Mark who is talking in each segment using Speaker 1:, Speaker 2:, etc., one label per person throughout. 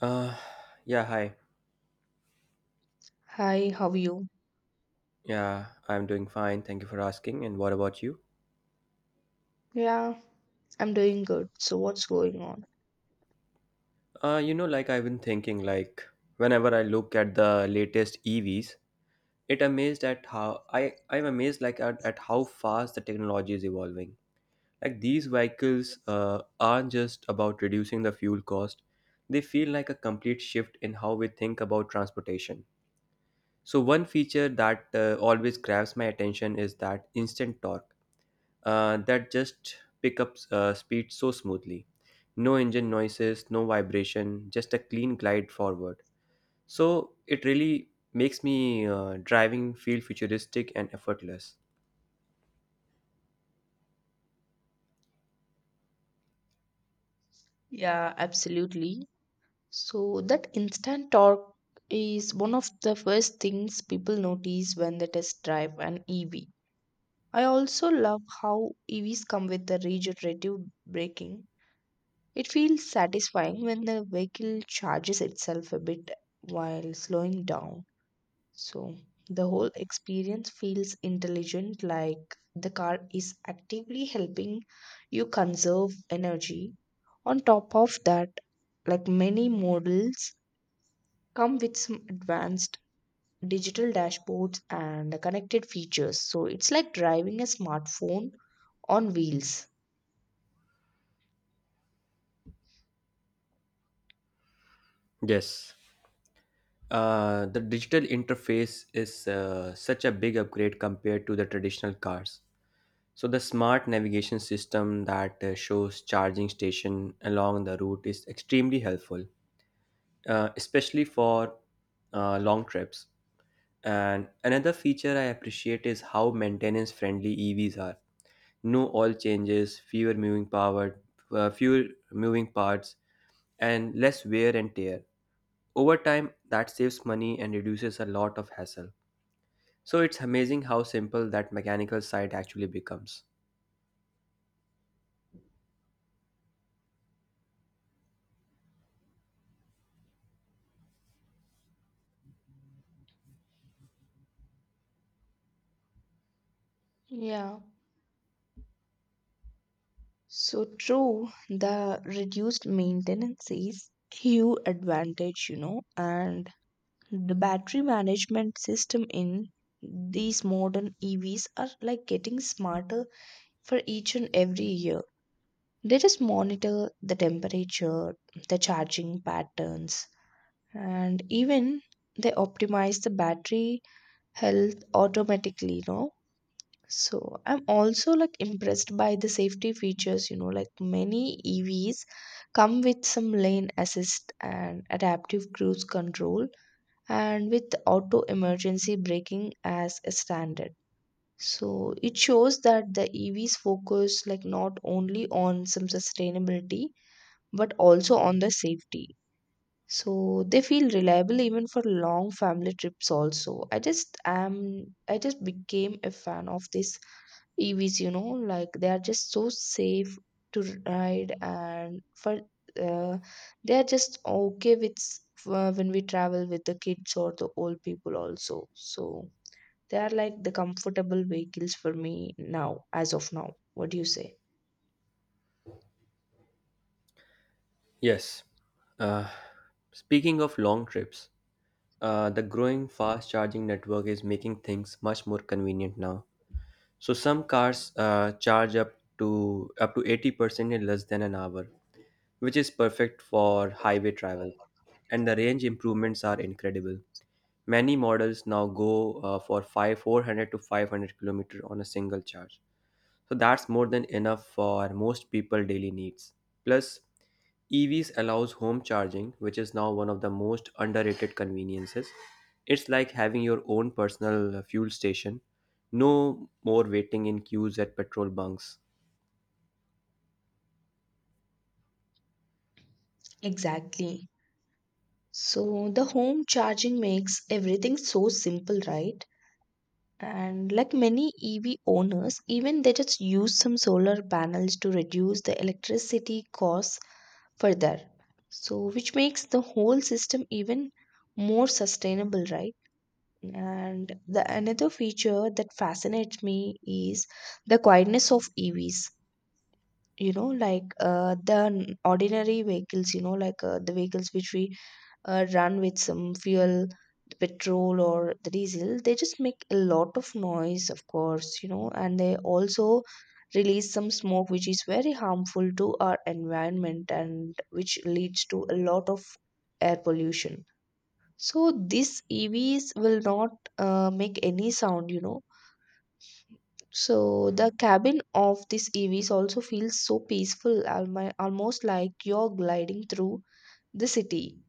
Speaker 1: Uh, yeah, hi.
Speaker 2: Hi, how are you?
Speaker 1: Yeah, I'm doing fine. Thank you for asking. And what about you?
Speaker 2: Yeah, I'm doing good. So, what's going on?
Speaker 1: Like I've been thinking, like whenever I look at the latest EVs, it amazed at how I'm amazed like at how fast the technology is evolving. Like these vehicles aren't just about reducing the fuel cost; they feel like a complete shift in how we think about transportation. So one feature that always grabs my attention is that instant torque that just pick up speed so smoothly. No engine noises, no vibration, just a clean glide forward. So it really makes me driving feel futuristic and effortless.
Speaker 2: Yeah, absolutely. So, that instant torque is one of the first things people notice when they test drive an EV. I also love how EVs come with the regenerative braking. It feels satisfying when the vehicle charges itself a bit while slowing down. So the whole experience feels intelligent, like the car is actively helping you conserve energy. On top of that, like many models come with some advanced digital dashboards and connected features. So it's like driving a smartphone on wheels.
Speaker 1: Yes. The digital interface is such a big upgrade compared to the traditional cars. So the smart navigation system that shows charging station along the route is extremely helpful, especially for long trips. And another feature I appreciate is how maintenance friendly EVs are. No oil changes, fewer moving parts, and less wear and tear. Over time, that saves money and reduces a lot of hassle. So it's amazing how simple that mechanical side actually becomes.
Speaker 2: Yeah, so true. The reduced maintenance is huge advantage, you know. And the battery management system in these modern EVs are like getting smarter for each and every year. They just monitor the temperature, the charging patterns, and even they optimize the battery health automatically, you know. So I'm also like impressed by the safety features, you know, like many EVs come with some lane assist and adaptive cruise control and with auto emergency braking as a standard. So it shows that the EVs focus like not only on some sustainability but also on the safety. So they feel reliable even for long family trips also. I just became a fan of this EVs, you know, like they are just so safe to ride and for uh, they are just okay with when we travel with the kids or the old people also. So they are like the comfortable vehicles for me now, as of now. What do you say?
Speaker 1: Yes. Uh, Speaking of long trips, the growing fast charging network is making things much more convenient now. So some cars charge up to 80% in less than an hour, which is perfect for highway travel. And the range improvements are incredible. Many models now go for 5 400 to 500 kilometer on a single charge. So that's more than enough for most people daily needs. Plus, EVs allows home charging, which is now one of the most underrated conveniences. It's like having your own personal fuel station. No more waiting in queues at petrol bunks.
Speaker 2: Exactly. So the home charging makes everything so simple, right? And like many EV owners, even they just use some solar panels to reduce the electricity costs further, so which makes the whole system even more sustainable, right? And the another feature that fascinates me is the quietness of EVs, you know, like the ordinary vehicles, you know, like the vehicles which we run with some fuel, the petrol or the diesel, they just make a lot of noise, of course, you know. And they also release some smoke, which is very harmful to our environment and which leads to a lot of air pollution. So these EVs will not make any sound, you know. So the cabin of these EVs also feels so peaceful, almost like you're gliding through the city.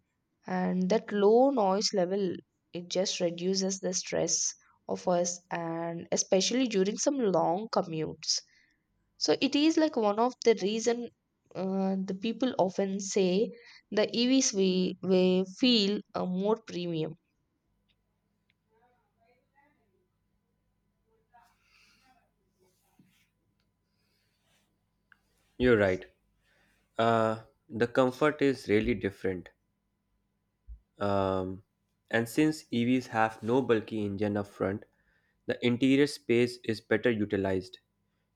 Speaker 2: And that low noise level, it just reduces the stress of us, and especially during some long commutes. So it is like one of the reason the people often say the EVs we feel more premium.
Speaker 1: You're right. Uh, the comfort is really different. Um, and since EVs have no bulky engine up front, the interior space is better utilized.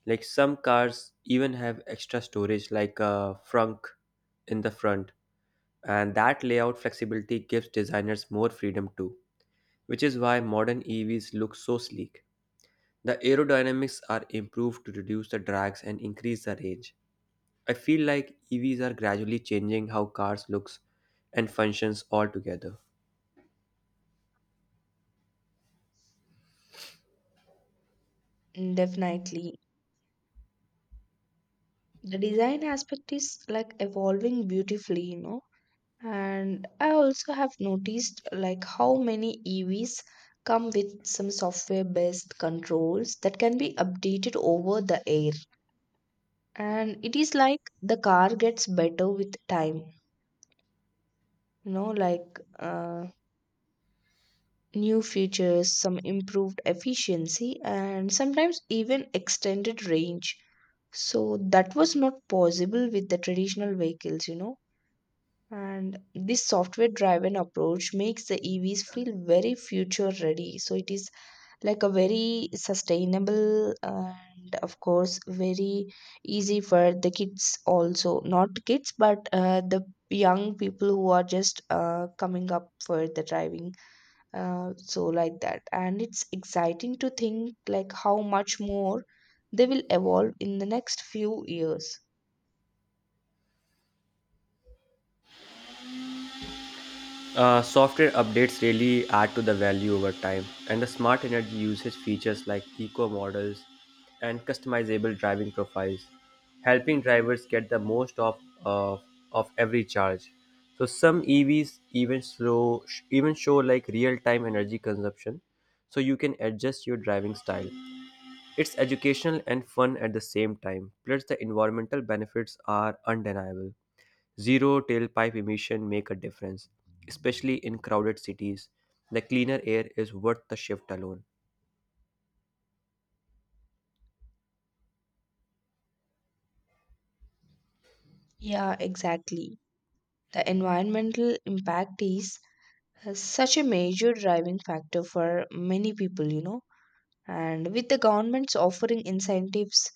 Speaker 1: Like some cars even have extra storage like a frunk in the front, and that layout flexibility gives designers more freedom too, which is why modern EVs look so sleek. The aerodynamics are improved to reduce the drags and increase the range. I feel like EVs are gradually changing how cars looks and functions altogether.
Speaker 2: Mm, definitely the design aspect is like evolving beautifully, you know. And I also have noticed like how many EVs come with some software based controls that can be updated over the air. And it is like the car gets better with time, you know, like new features, some improved efficiency, and sometimes even extended range. So that was not possible with the traditional vehicles, you know. And this software driven approach makes the EVs feel very future ready. So it is like a very sustainable and, of course, very easy for the kids also. Not kids, but the young people who are just coming up for the driving. So, like that. And it's exciting to think like how much more they will evolve in the next few years.
Speaker 1: Software updates really add to the value over time, and the smart energy usage features like eco models and customizable driving profiles, helping drivers get the most of, of every charge. So some EVs even show like real time energy consumption, so you can adjust your driving style. It's educational and fun at the same time. Plus, the environmental benefits are undeniable. Zero tailpipe emission make a difference, especially in crowded cities. The cleaner air is worth the shift alone.
Speaker 2: Yeah, exactly. The environmental impact is such a major driving factor for many people, you know. And with the governments offering incentives,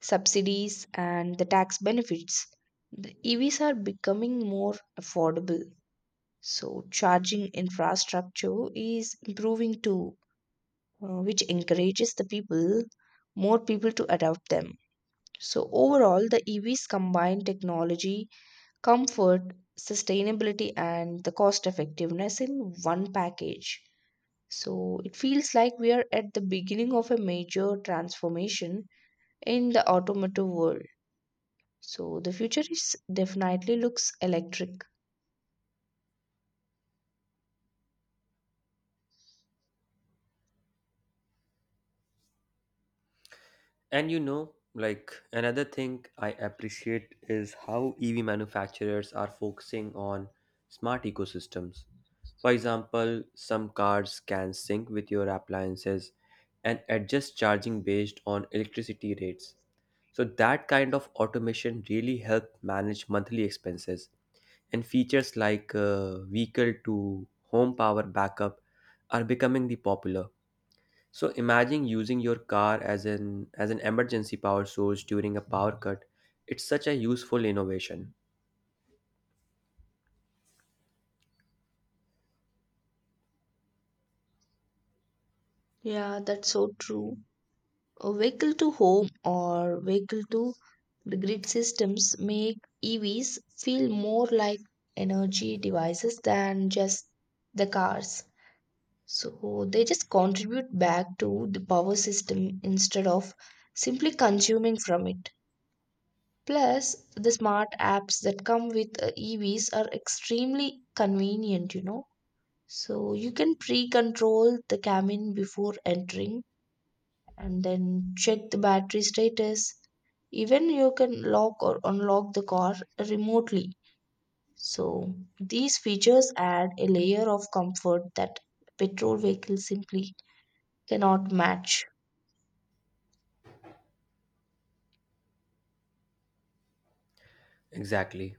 Speaker 2: subsidies, and the tax benefits, the EVs are becoming more affordable. So, charging infrastructure is improving too, which encourages the people, more people to adopt them. So, overall, the EVs combine technology, comfort, sustainability, and the cost effectiveness in one package. So it feels like we are at the beginning of a major transformation in the automotive world. So the future is definitely looks electric.
Speaker 1: And like another thing I appreciate is how EV manufacturers are focusing on smart ecosystems. For example, some cars can sync with your appliances and adjust charging based on electricity rates. So that kind of automation really help manage monthly expenses. And features like vehicle to home power backup are becoming the popular. So imagine using your car as an emergency power source during a power cut. It's such a useful innovation.
Speaker 2: Yeah, that's so true. A vehicle to home or vehicle to the grid systems make EVs feel more like energy devices than just the cars. So they just contribute back to the power system instead of simply consuming from it. Plus, the smart apps that come with EVs are extremely convenient, you know. So you can pre control the cabin before entering and then check the battery status. Even you can lock or unlock the car remotely. So these features add a layer of comfort that petrol vehicles simply cannot match.
Speaker 1: Exactly.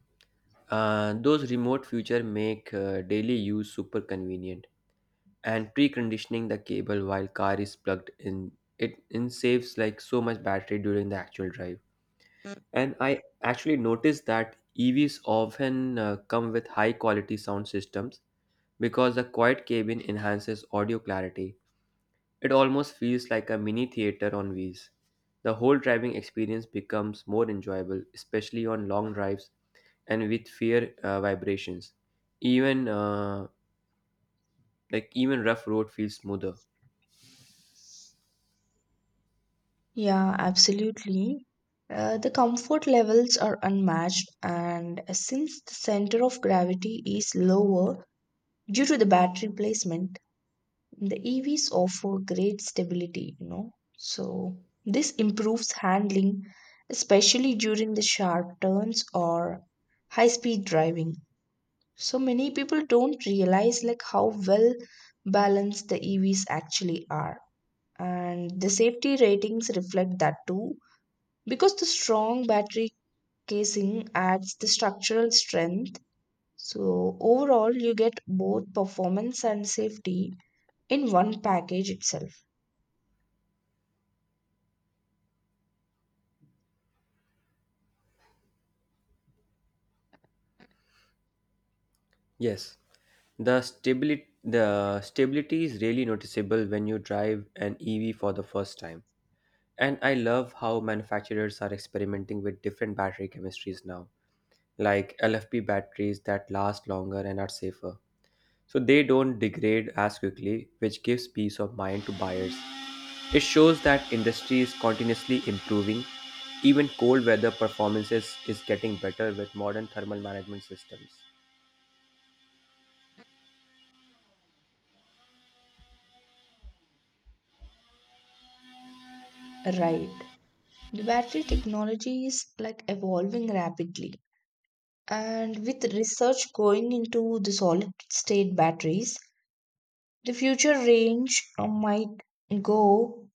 Speaker 1: Those remote feature make daily use super convenient. And preconditioning the cable while car is plugged in, it in saves like so much battery during the actual drive. And I actually noticed that EVs often come with high quality sound systems because the quiet cabin enhances audio clarity. It almost feels like a mini theater on wheels. The whole driving experience becomes more enjoyable, especially on long drives and with fewer vibrations. Even uh, even rough road feels smoother.
Speaker 2: Yeah, absolutely. The comfort levels are unmatched, and since the center of gravity is lower due to the battery placement, the EVs offer great stability, you know. So, this improves handling, especially during the sharp turns or high speed driving. So, many people don't realize like how well balanced the EVs actually are, and the safety ratings reflect that too because the strong battery casing adds the structural strength. So overall you get both performance and safety in one package itself.
Speaker 1: Yes, the stability is really noticeable when you drive an EV for the first time. And I love how manufacturers are experimenting with different battery chemistries now, like LFP batteries that last longer and are safer. So they don't degrade as quickly, which gives peace of mind to buyers. It shows that industry is continuously improving. Even cold weather performances is getting better with modern thermal management systems.
Speaker 2: Right, the battery technology is like evolving rapidly, and with research going into the solid state batteries, the future range might go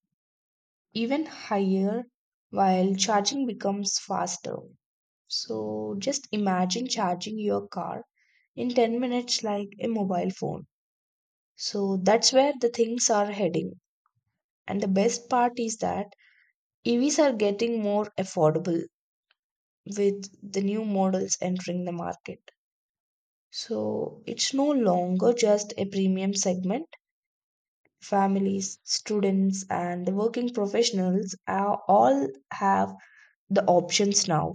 Speaker 2: even higher while charging becomes faster. So just imagine charging your car in 10 minutes like a mobile phone. So that's where the things are heading. And the best part is that EVs are getting more affordable with the new models entering the market. So it's no longer just a premium segment. Families, students, and the working professionals are all have the options now.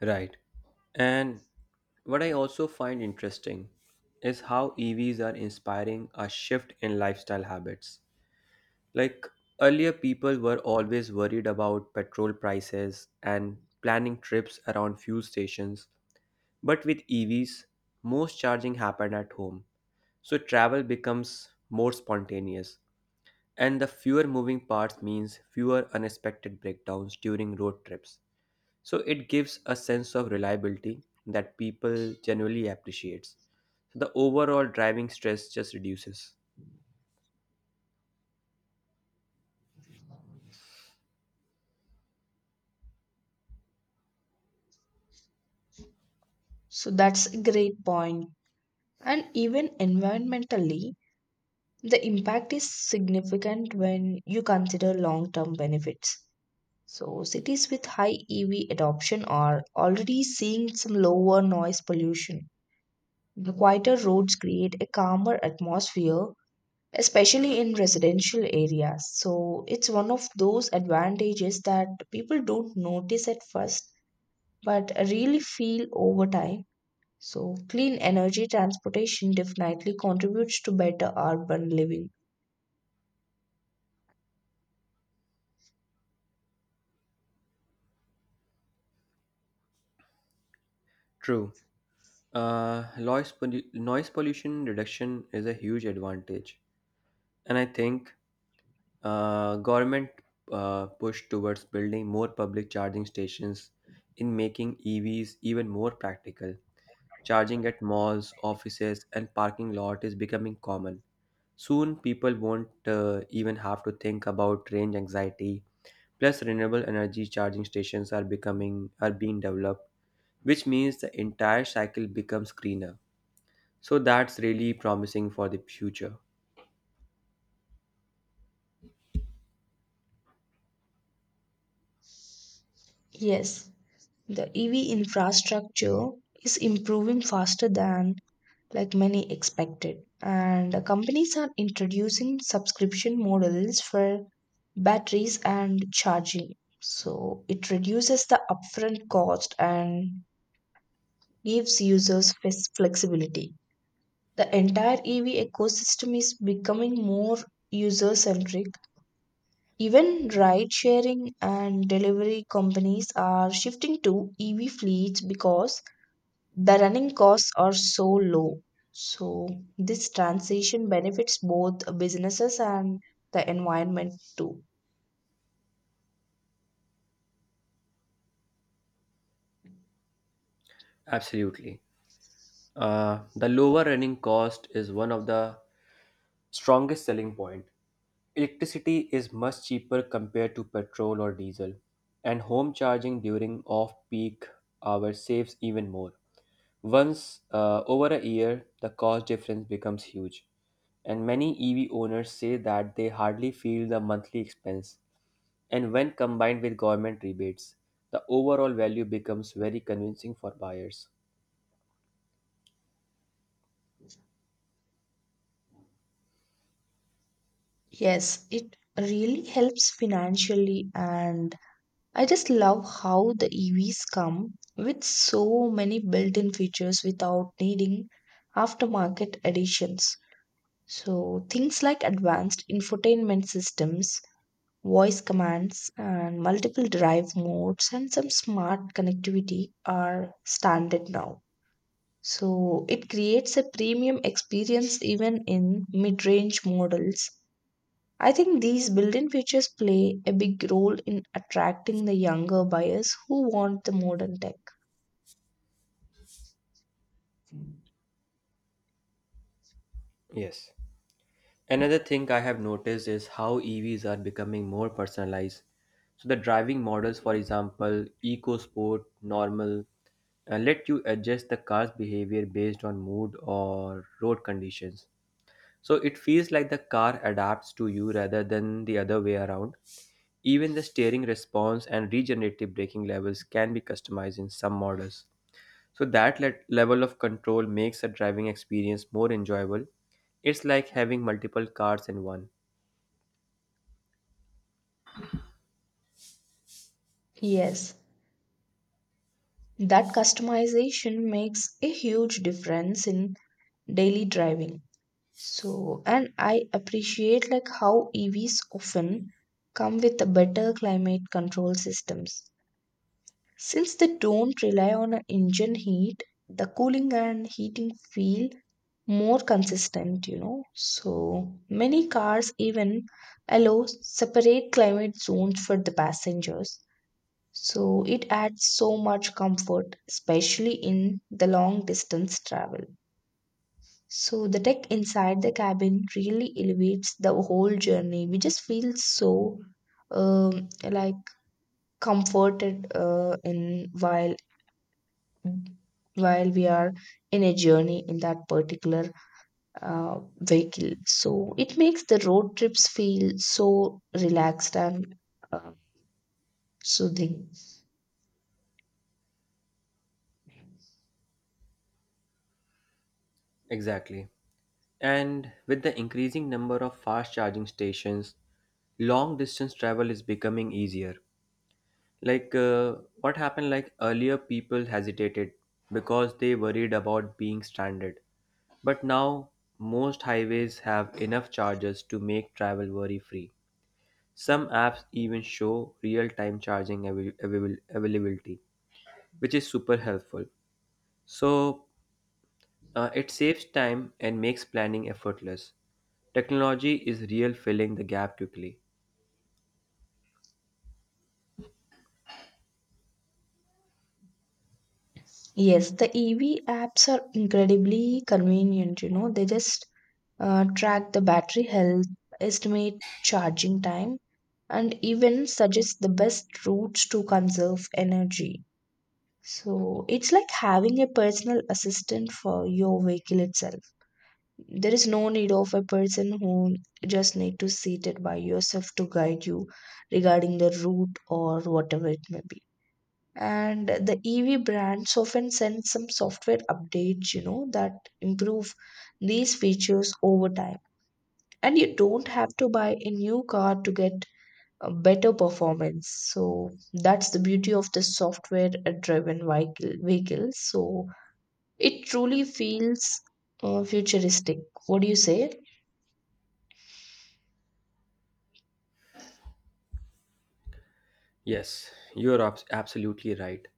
Speaker 1: Right. And what I also find interesting is how EVs are inspiring a shift in lifestyle habits. Like earlier, people were always worried about petrol prices and planning trips around fuel stations. But with EVs, most charging happen at home, so travel becomes more spontaneous, and the fewer moving parts means fewer unexpected breakdowns during road trips. So it gives a sense of reliability that people generally appreciates. So the overall driving stress just reduces.
Speaker 2: So that's a great point. And even environmentally, the impact is significant when you consider long term benefits. So, cities with high EV adoption are already seeing some lower noise pollution. The quieter roads create a calmer atmosphere, especially in residential areas. So, it's one of those advantages that people don't notice at first but really feel over time. So, clean energy transportation definitely contributes to better urban living.
Speaker 1: True. Noise pollution reduction is a huge advantage, and I think government push towards building more public charging stations in making EVs even more practical. Charging at malls, offices, and parking lot is becoming common. Soon, people won't even have to think about range anxiety. Plus, renewable energy charging stations are being developed, which means the entire cycle becomes greener. So that's really promising for the future.
Speaker 2: Yes. The EV infrastructure is improving faster than like many expected, and the companies are introducing subscription models for batteries and charging. So it reduces the upfront cost and gives users flexibility. The entire EV ecosystem is becoming more user centric. Even ride sharing and delivery companies are shifting to EV fleets because the running costs are so low. So this transition benefits both businesses and the environment too.
Speaker 1: Absolutely. The lower running cost is one of the strongest selling point. Electricity is much cheaper compared to petrol or diesel, and home charging during off-peak hours saves even more. Once over a year, the cost difference becomes huge, and many EV owners say that they hardly feel the monthly expense. And when combined with government rebates, the overall value becomes very convincing for buyers.
Speaker 2: Yes, it really helps financially. And I just love how the EVs come with so many built-in features without needing aftermarket additions. So things like advanced infotainment systems, voice commands, and multiple drive modes and some smart connectivity are standard now. So it creates a premium experience even in mid range models. I think these built in features play a big role in attracting the younger buyers who want the modern tech.
Speaker 1: Yes. Another thing I have noticed is how EVs are becoming more personalized. So the driving models, for example, eco sport, normal, let you adjust the car's behavior based on mood or road conditions. So it feels like the car adapts to you rather than the other way around. Even the steering response and regenerative braking levels can be customized in some models. So that level of control makes the driving experience more enjoyable. It's like having multiple cars in one.
Speaker 2: Yes, that customization makes a huge difference in daily driving. So, and I appreciate like how EVs often come with a better climate control systems. Since they don't rely on an engine heat, the cooling and heating feel more consistent, you know. So many cars even allow separate climate zones for the passengers. So it adds so much comfort, especially in the long distance travel. So the tech inside the cabin really elevates the whole journey. We just feel so like comforted in while we are in a journey in that particular vehicle. So it makes the road trips feel so relaxed and uh, soothing.
Speaker 1: Exactly. And with the increasing number of fast charging stations, long distance travel is becoming easier. Like what happened like earlier people hesitated because they worried about being stranded. But now most highways have enough chargers to make travel worry free. Some apps even show real time charging availability, which is super helpful. So it saves time and makes planning effortless. Technology is real filling the gap quickly.
Speaker 2: Yes, the EV apps are incredibly convenient. You know, they just track the battery health, estimate charging time, and even suggest the best routes to conserve energy. So it's like having a personal assistant for your vehicle itself. There is no need of a person who just need to sit it by yourself to guide you regarding the route or whatever it may be. And the EV brands often send some software updates, you know, that improve these features over time. And you don't have to buy a new car to get a better performance. So that's the beauty of the software driven vehicles. So it truly feels futuristic. What do you say?
Speaker 1: Yes, you're absolutely right.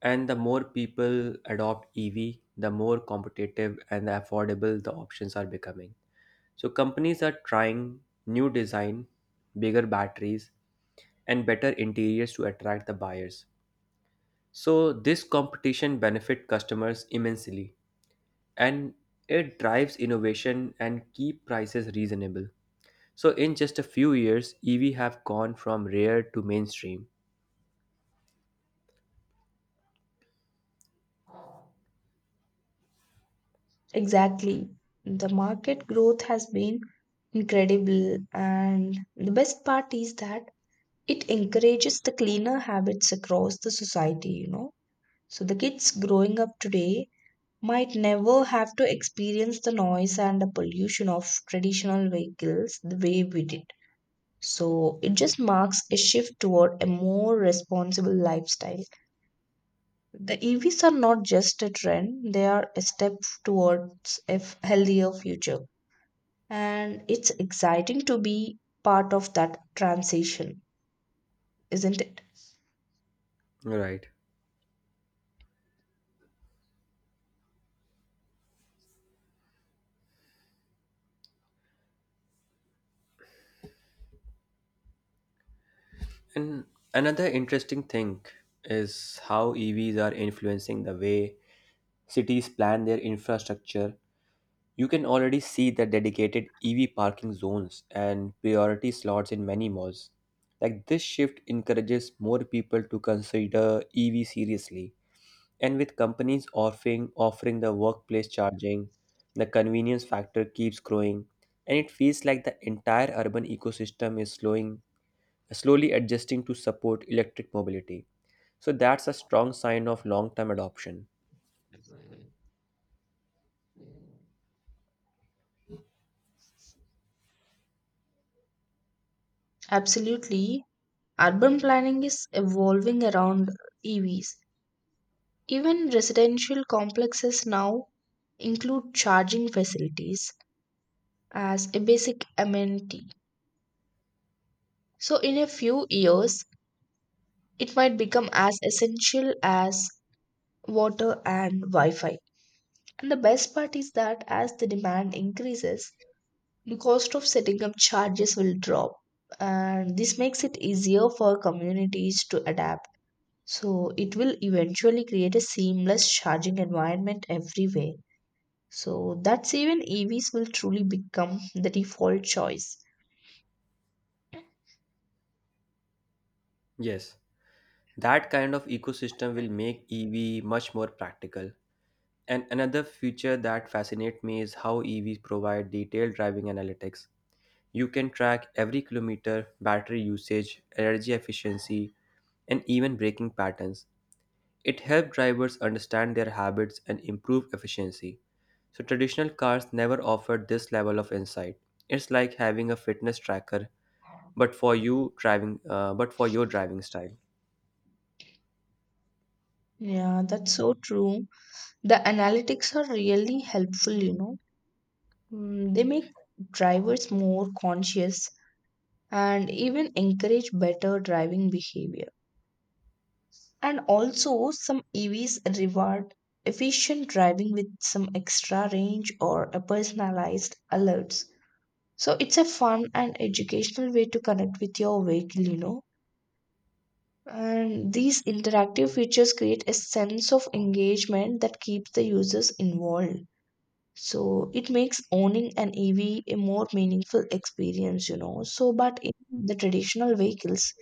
Speaker 1: And the more people adopt EV, the more competitive and affordable the options are becoming. So companies are trying new design, bigger batteries, and better interiors to attract the buyers. So this competition benefit customers immensely and it drives innovation and keep prices reasonable. So in just a few years, EV have gone from rare to mainstream.
Speaker 2: Exactly, the market growth has been incredible. And the best part is that it encourages the cleaner habits across the society, you know. So the kids growing up today might never have to experience the noise and the pollution of traditional vehicles the way we did. So it just marks a shift toward a more responsible lifestyle. The EVs are not just a trend, they are a step towards a healthier future. And it's exciting to be part of that transition, isn't it?
Speaker 1: Right. And another interesting thing is how EVs are influencing the way cities plan their infrastructure. You can already see the dedicated EV parking zones and priority slots in many malls. Like this shift encourages more people to consider EV seriously. And with companies offering the workplace charging, the convenience factor keeps growing, and it feels like the entire urban ecosystem is slowing slowly adjusting to support electric mobility. So that's a strong sign of long-term adoption.
Speaker 2: Absolutely. Urban planning is evolving around EVs. Even residential complexes now include charging facilities as a basic amenity. So, in a few years, it might become as essential as water and Wi Fi. And the best part is that as the demand increases, the cost of setting up charges will drop. And this makes it easier for communities to adapt. So, it will eventually create a seamless charging environment everywhere. So that's even EVs will truly become the default choice.
Speaker 1: Yes, that kind of ecosystem will make EV much more practical. And another feature that fascinates me is how EVs provide detailed driving analytics. You can track every kilometer, battery usage, energy efficiency, and even braking patterns. It helps drivers understand their habits and improve efficiency. So, traditional cars never offered this level of insight. It's like having a fitness tracker, but for your driving style.
Speaker 2: Yeah, that's so true. The analytics are really helpful. They make drivers more conscious and even encourage better driving behavior. And also, some EVs reward efficient driving with some extra range or a personalized alerts. So it's a fun and educational way to connect with your vehicle. And these interactive features create a sense of engagement that keeps the users involved. So it makes owning an EV a more meaningful experience. So, but in the traditional vehicles,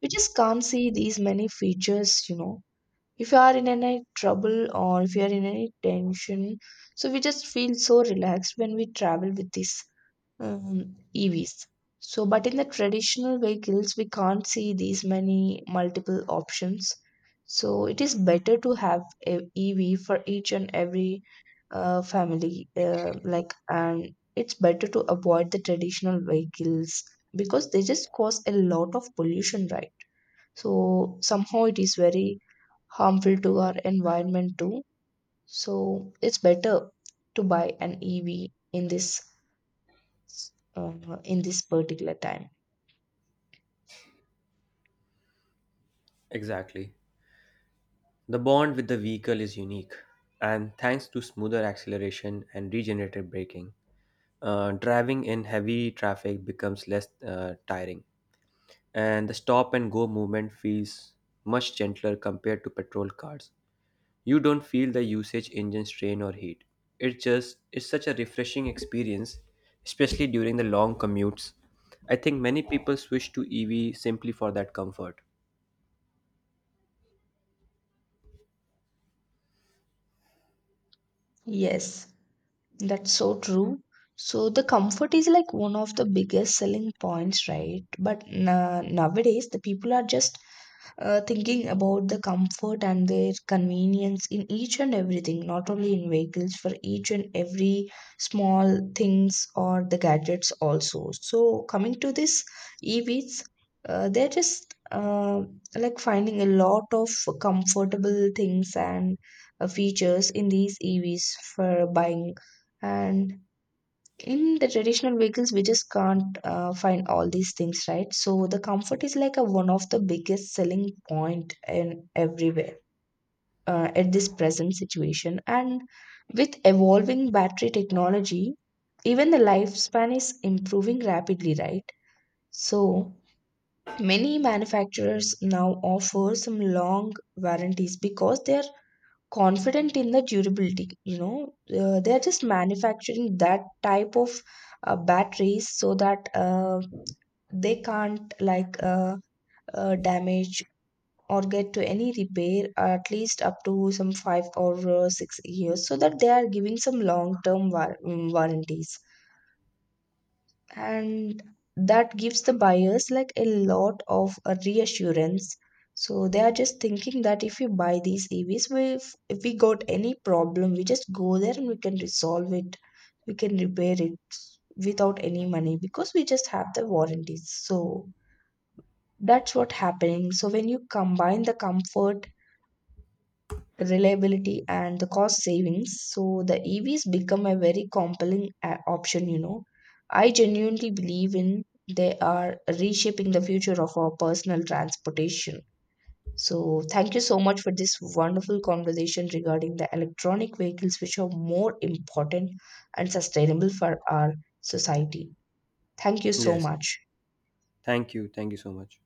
Speaker 2: we just can't see these many features. If you are in any trouble or if you are in any tension, so we just feel so relaxed when we travel with this EVs. So, but in the traditional vehicles, we can't see these many multiple options. So, it is better to have a EV for each and every family. Like, and it's better to avoid the traditional vehicles because they just cause a lot of pollution, right? So, somehow it is very harmful to our environment too. So, it's better to buy an EV in this particular time.
Speaker 1: Exactly. The bond with the vehicle is unique, and thanks to smoother acceleration and regenerative braking, driving in heavy traffic becomes less tiring, and the stop and go movement feels much gentler compared to petrol cars. You don't feel the usage engine strain or heat. It just is such a refreshing experience, especially during the long commutes. I think many people switch to EV simply for that comfort.
Speaker 2: Yes. That's so true. So the comfort is like one of the biggest selling points, right? But na nowadays the people are just thinking about the comfort and their convenience in each and everything, not only in vehicles, for each and every small things or the gadgets also. So coming to this EVs, they're just like finding a lot of comfortable things and features in these EVs for buying, and in the traditional vehicles we just can't find all these things, right? So the comfort is like a one of the biggest selling point in everywhere at this present situation. And with evolving battery technology, even the lifespan is improving rapidly, right? So many manufacturers now offer some long warranties because they are confident in the durability. They are just manufacturing that type of batteries so that they can't like damage or get to any repair at least up to some 5 or 6 years, so that they are giving some long term warranties. And that gives the buyers like a lot of reassurance. So they are just thinking that if we buy these EVs, we if we got any problem, we just go there and we can resolve it. We can repair it without any money because we just have the warranties. So that's what happening. So when you combine the comfort, reliability and the cost savings, so the EVs become a very compelling option. I genuinely believe in they are reshaping the future of our personal transportation. So thank you so much for this wonderful conversation regarding the electronic vehicles, which are more important and sustainable for our society. Thank you so
Speaker 1: Yes.
Speaker 2: much.
Speaker 1: Thank you. Thank you so much.